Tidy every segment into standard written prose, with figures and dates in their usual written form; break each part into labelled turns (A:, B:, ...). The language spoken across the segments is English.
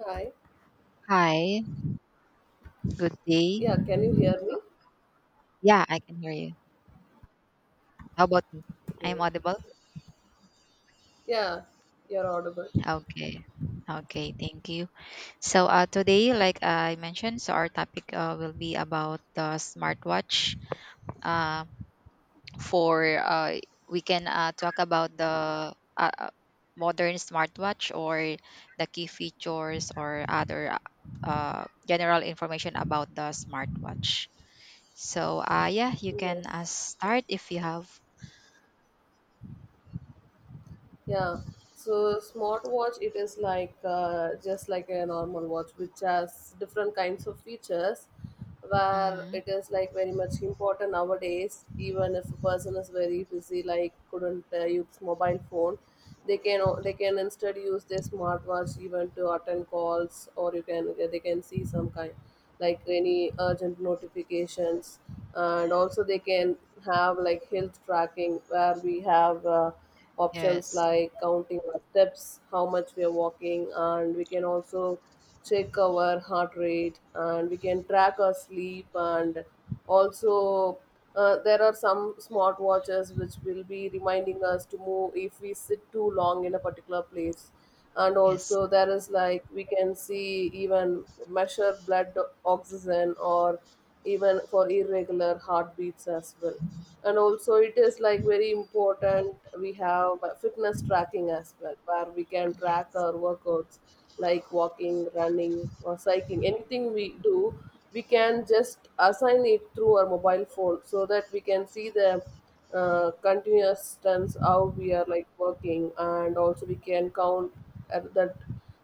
A: Hi.
B: Hi, good day.
A: Yeah, can you hear me?
B: Yeah, I can hear you. How about me? I'm
A: Okay.
B: audible?
A: Yeah, you're audible.
B: Okay. Okay, thank you. So today, like I mentioned, so our topic will be about the smartwatch. Uh, for We can talk about the modern smartwatch or the key features or other general information about the smartwatch. So yeah, you can
A: Yes.
B: start if you have.
A: Yeah. So smartwatch, it is like just like a normal watch, which has different kinds of features, where
B: Mm-hmm.
A: it is like very much important nowadays. Even if a person is very busy, like couldn't use mobile phone, they can instead use their smartwatch even to attend calls, or you can they can see some kind like any urgent notifications, and also they can have like health tracking where we have. Options
B: Yes.
A: like counting our steps, how much we are walking, and we can also check our heart rate, and we can track our sleep, and also there are some smart watches which will be reminding us to move if we sit too long in a particular place, and
B: Yes,
A: also there is like we can see, even measure blood oxygen or even for irregular heartbeats as well. And also, it is like very important we have fitness tracking as well, where we can track
B: yes,
A: our workouts like walking, running, or cycling. Anything we do, we can just assign it through our mobile phone so that we can see the continuous stunts how we are like working, and also we can count at that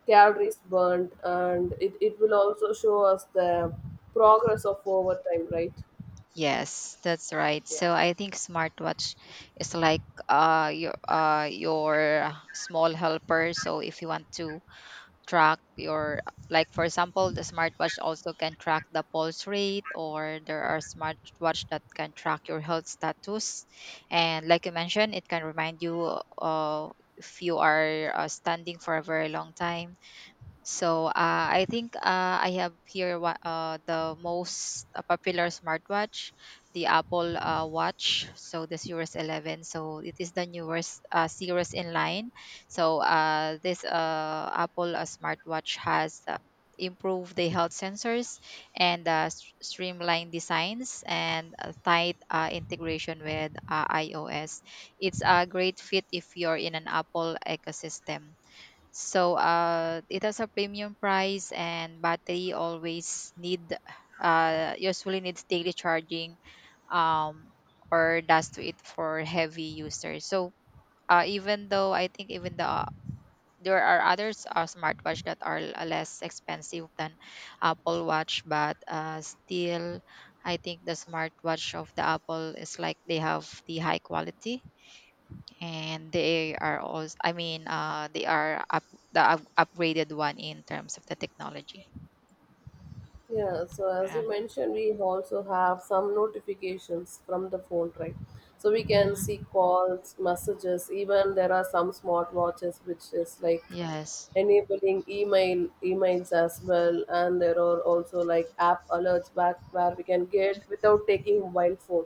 A: calories burned, and it will also show us the progress of over time, right?
B: yes, that's right.
A: Yeah.
B: So I think smartwatch is like your small helper. So if you want to track your, like for example, the smartwatch also can track the pulse rate, or there are smartwatch that can track your health status. And like you mentioned, it can remind you uh if you are standing for a very long time. So I think I have here what the most popular smartwatch, the Apple Watch. So the Series 11. So it is the newest series in line. So this Apple smartwatch has improved the health sensors and streamlined designs and tight integration with iOS. It's a great fit if you're in an Apple ecosystem. So it has a premium price and battery always need, usually needs daily charging um, or does to it for heavy users. So even though I think, even the, there are others smartwatch that are less expensive than Apple Watch, but still I think the smartwatch of the Apple is like they have the high quality, and they are also, I mean, they are up, the upgraded one in terms of the technology.
A: Yeah, so as
B: Yeah.
A: you mentioned, we also have some notifications from the phone, right? So we can see
B: Hmm.
A: calls, messages. Even there are some smart watches which is like
B: Yes.
A: enabling emails as well, and there are also like app alerts back where we can get without taking mobile phone.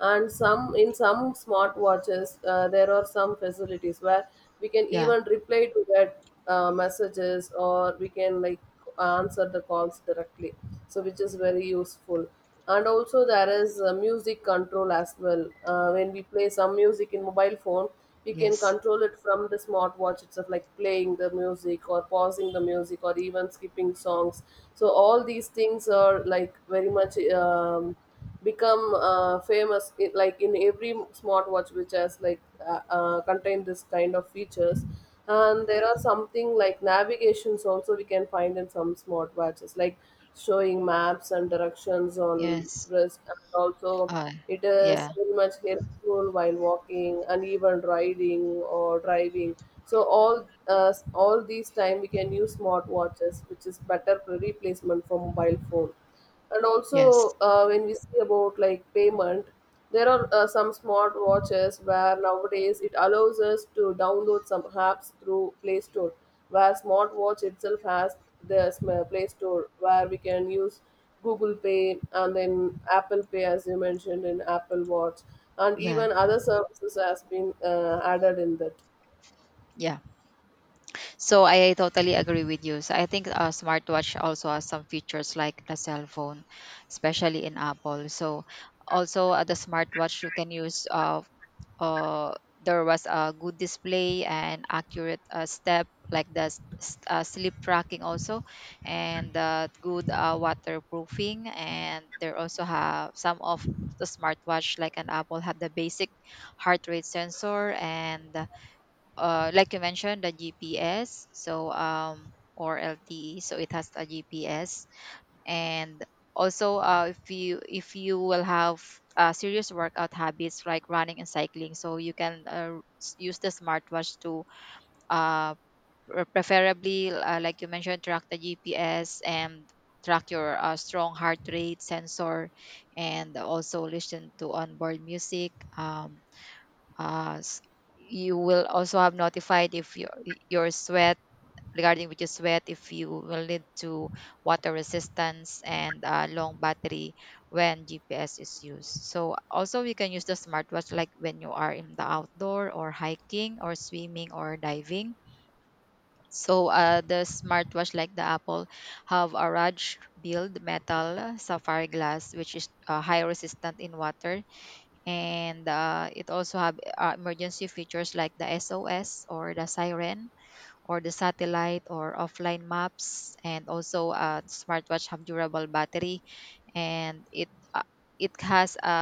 A: And some in some smartwatches there are some facilities where we can
B: Yeah.
A: even reply to that messages, or we can like answer the calls directly, so which is very useful. And also there is music control as well. When we play some music in mobile phone, we can
B: Yes.
A: control it from the smartwatch itself, like playing the music or pausing the music or even skipping songs. So all these things are like very much become famous. Like in every smartwatch which has like contain this kind of features. And there are something like navigations also we can find in some smartwatches, like showing maps and directions on
B: Yes.
A: wrist, and also
B: uh
A: it is
B: yeah.
A: very much helpful while walking and even riding or driving. So all these time we can use smartwatches, which is better replacement for mobile phone. And
B: Yes.
A: also when we see about like payment, there are some smart watches where nowadays it allows us to download some apps through play store, where smart watch itself has the play store where we can use google pay and then apple pay, as you mentioned in apple watch, and
B: Yeah.
A: even other services has been added in that.
B: Yeah, so I totally agree with you. So I think a smartwatch also has some features like the cell phone, especially in Apple. So also, the smartwatch you can use, uh, there was a good display and accurate step, like the sleep tracking also, and good waterproofing. And there also have some of the smartwatch like an Apple had the basic heart rate sensor and, like you mentioned, the GPS. So or LTE, so it has a GPS. And also, if you, if you will have serious workout habits like running and cycling, so you can use the smartwatch to uh, preferably, like you mentioned, track the GPS and track your strong heart rate sensor, and also listen to onboard music. Uh, s- you will also have notified if your, your sweat regarding which is wet, if you will need to water resistance and long battery when GPS is used. So also you can use the smartwatch like when you are in the outdoor or hiking or swimming or diving. So the smartwatch like the Apple have a Raj build metal sapphire glass, which is high resistant in water. And it also have emergency features like the SOS or the siren or the satellite or offline maps. And also, the smartwatch have durable battery, and it it has a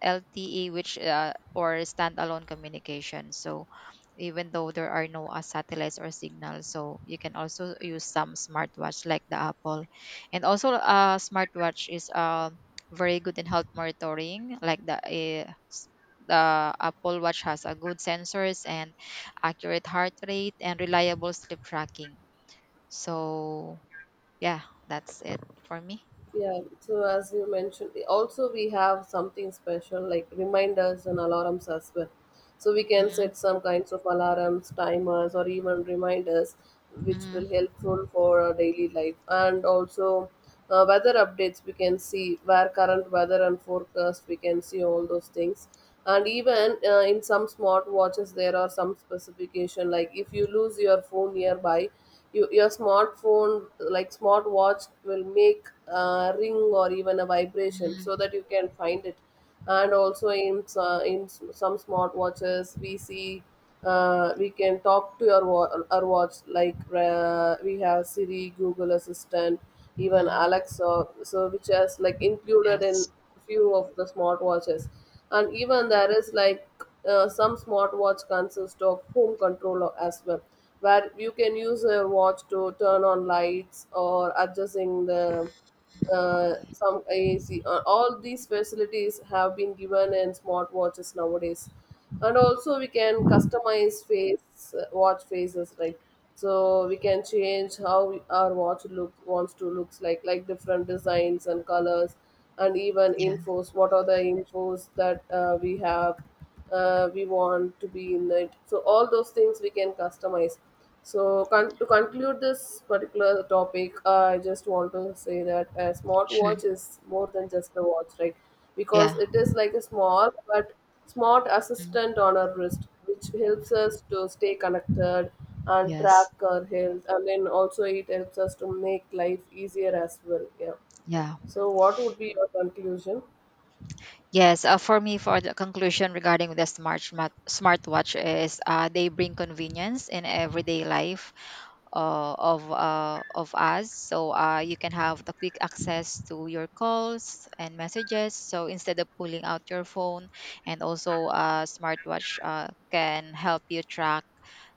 B: LTE, which or standalone communication. So even though there are no satellites or signals, so you can also use some smartwatch like the Apple. And also, smartwatch is very good in health monitoring, like the, the Apple Watch has a good sensors and accurate heart rate and reliable sleep tracking. So yeah, that's it for me.
A: Yeah, so as you mentioned, also we have something special like reminders and alarms as well. So we can
B: Mm-hmm.
A: set some kinds of alarms, timers, or even reminders, which will
B: Mm-hmm.
A: helpful for our daily life. And also weather updates, we can see where current weather and forecast, we can see all those things. And even in some smart watches, there are some specification like if you lose your phone nearby you, your smartphone like smartwatch will make a ring or even a vibration so
B: Mm-hmm.
A: that you can find it. And also in some smartwatches we see we can talk to your our watch, like we have Siri, Google Assistant, even
B: Mhm.
A: Alexa, so which has like included in
B: Yes.
A: few of the smartwatches. And even there is like some smartwatch consist of home control as well, where you can use a watch to turn on lights or adjusting the some AAC. All these facilities have been given in smartwatches nowadays, and also we can customize face watch faces, right? So we can change how our watch look wants to looks like different designs and colors, and even
B: Yeah.
A: infos. What are the infos that we have? We want to be in it. So all those things we can customize. So, to conclude this particular topic, I just want to say that a
B: Sure.
A: smartwatch is more than just a watch, right? Because
B: Yeah.
A: it is like a small but smart
B: Mm.
A: assistant on our wrist, which helps us to stay connected and track
B: Yes.
A: our health, and then also it helps us to make life easier as well. Yeah.
B: Yeah.
A: So, what would be your conclusion?
B: Yes, for me, for the conclusion regarding the smart, smartwatch is, they bring convenience in everyday life of us. So you can have the quick access to your calls and messages, so instead of pulling out your phone. And also, smartwatch can help you track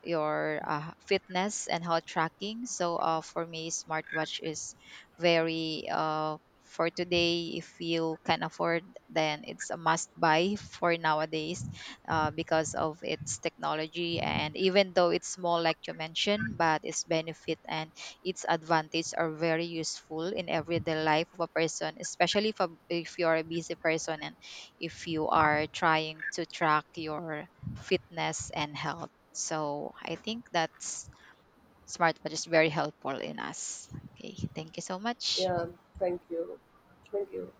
B: your fitness and health tracking. So for me, smartwatch is very, for today, if you can afford, then it's a must buy for nowadays, because of its technology. And even though it's small, like you mentioned, but its benefit and its advantage are very useful in everyday life of a person, especially if, a, if you are a busy person and if you are trying to track your fitness and health. So I think that's smart but is very helpful in us. Okay, thank you so much.
A: Yeah. Thank you. Thank you.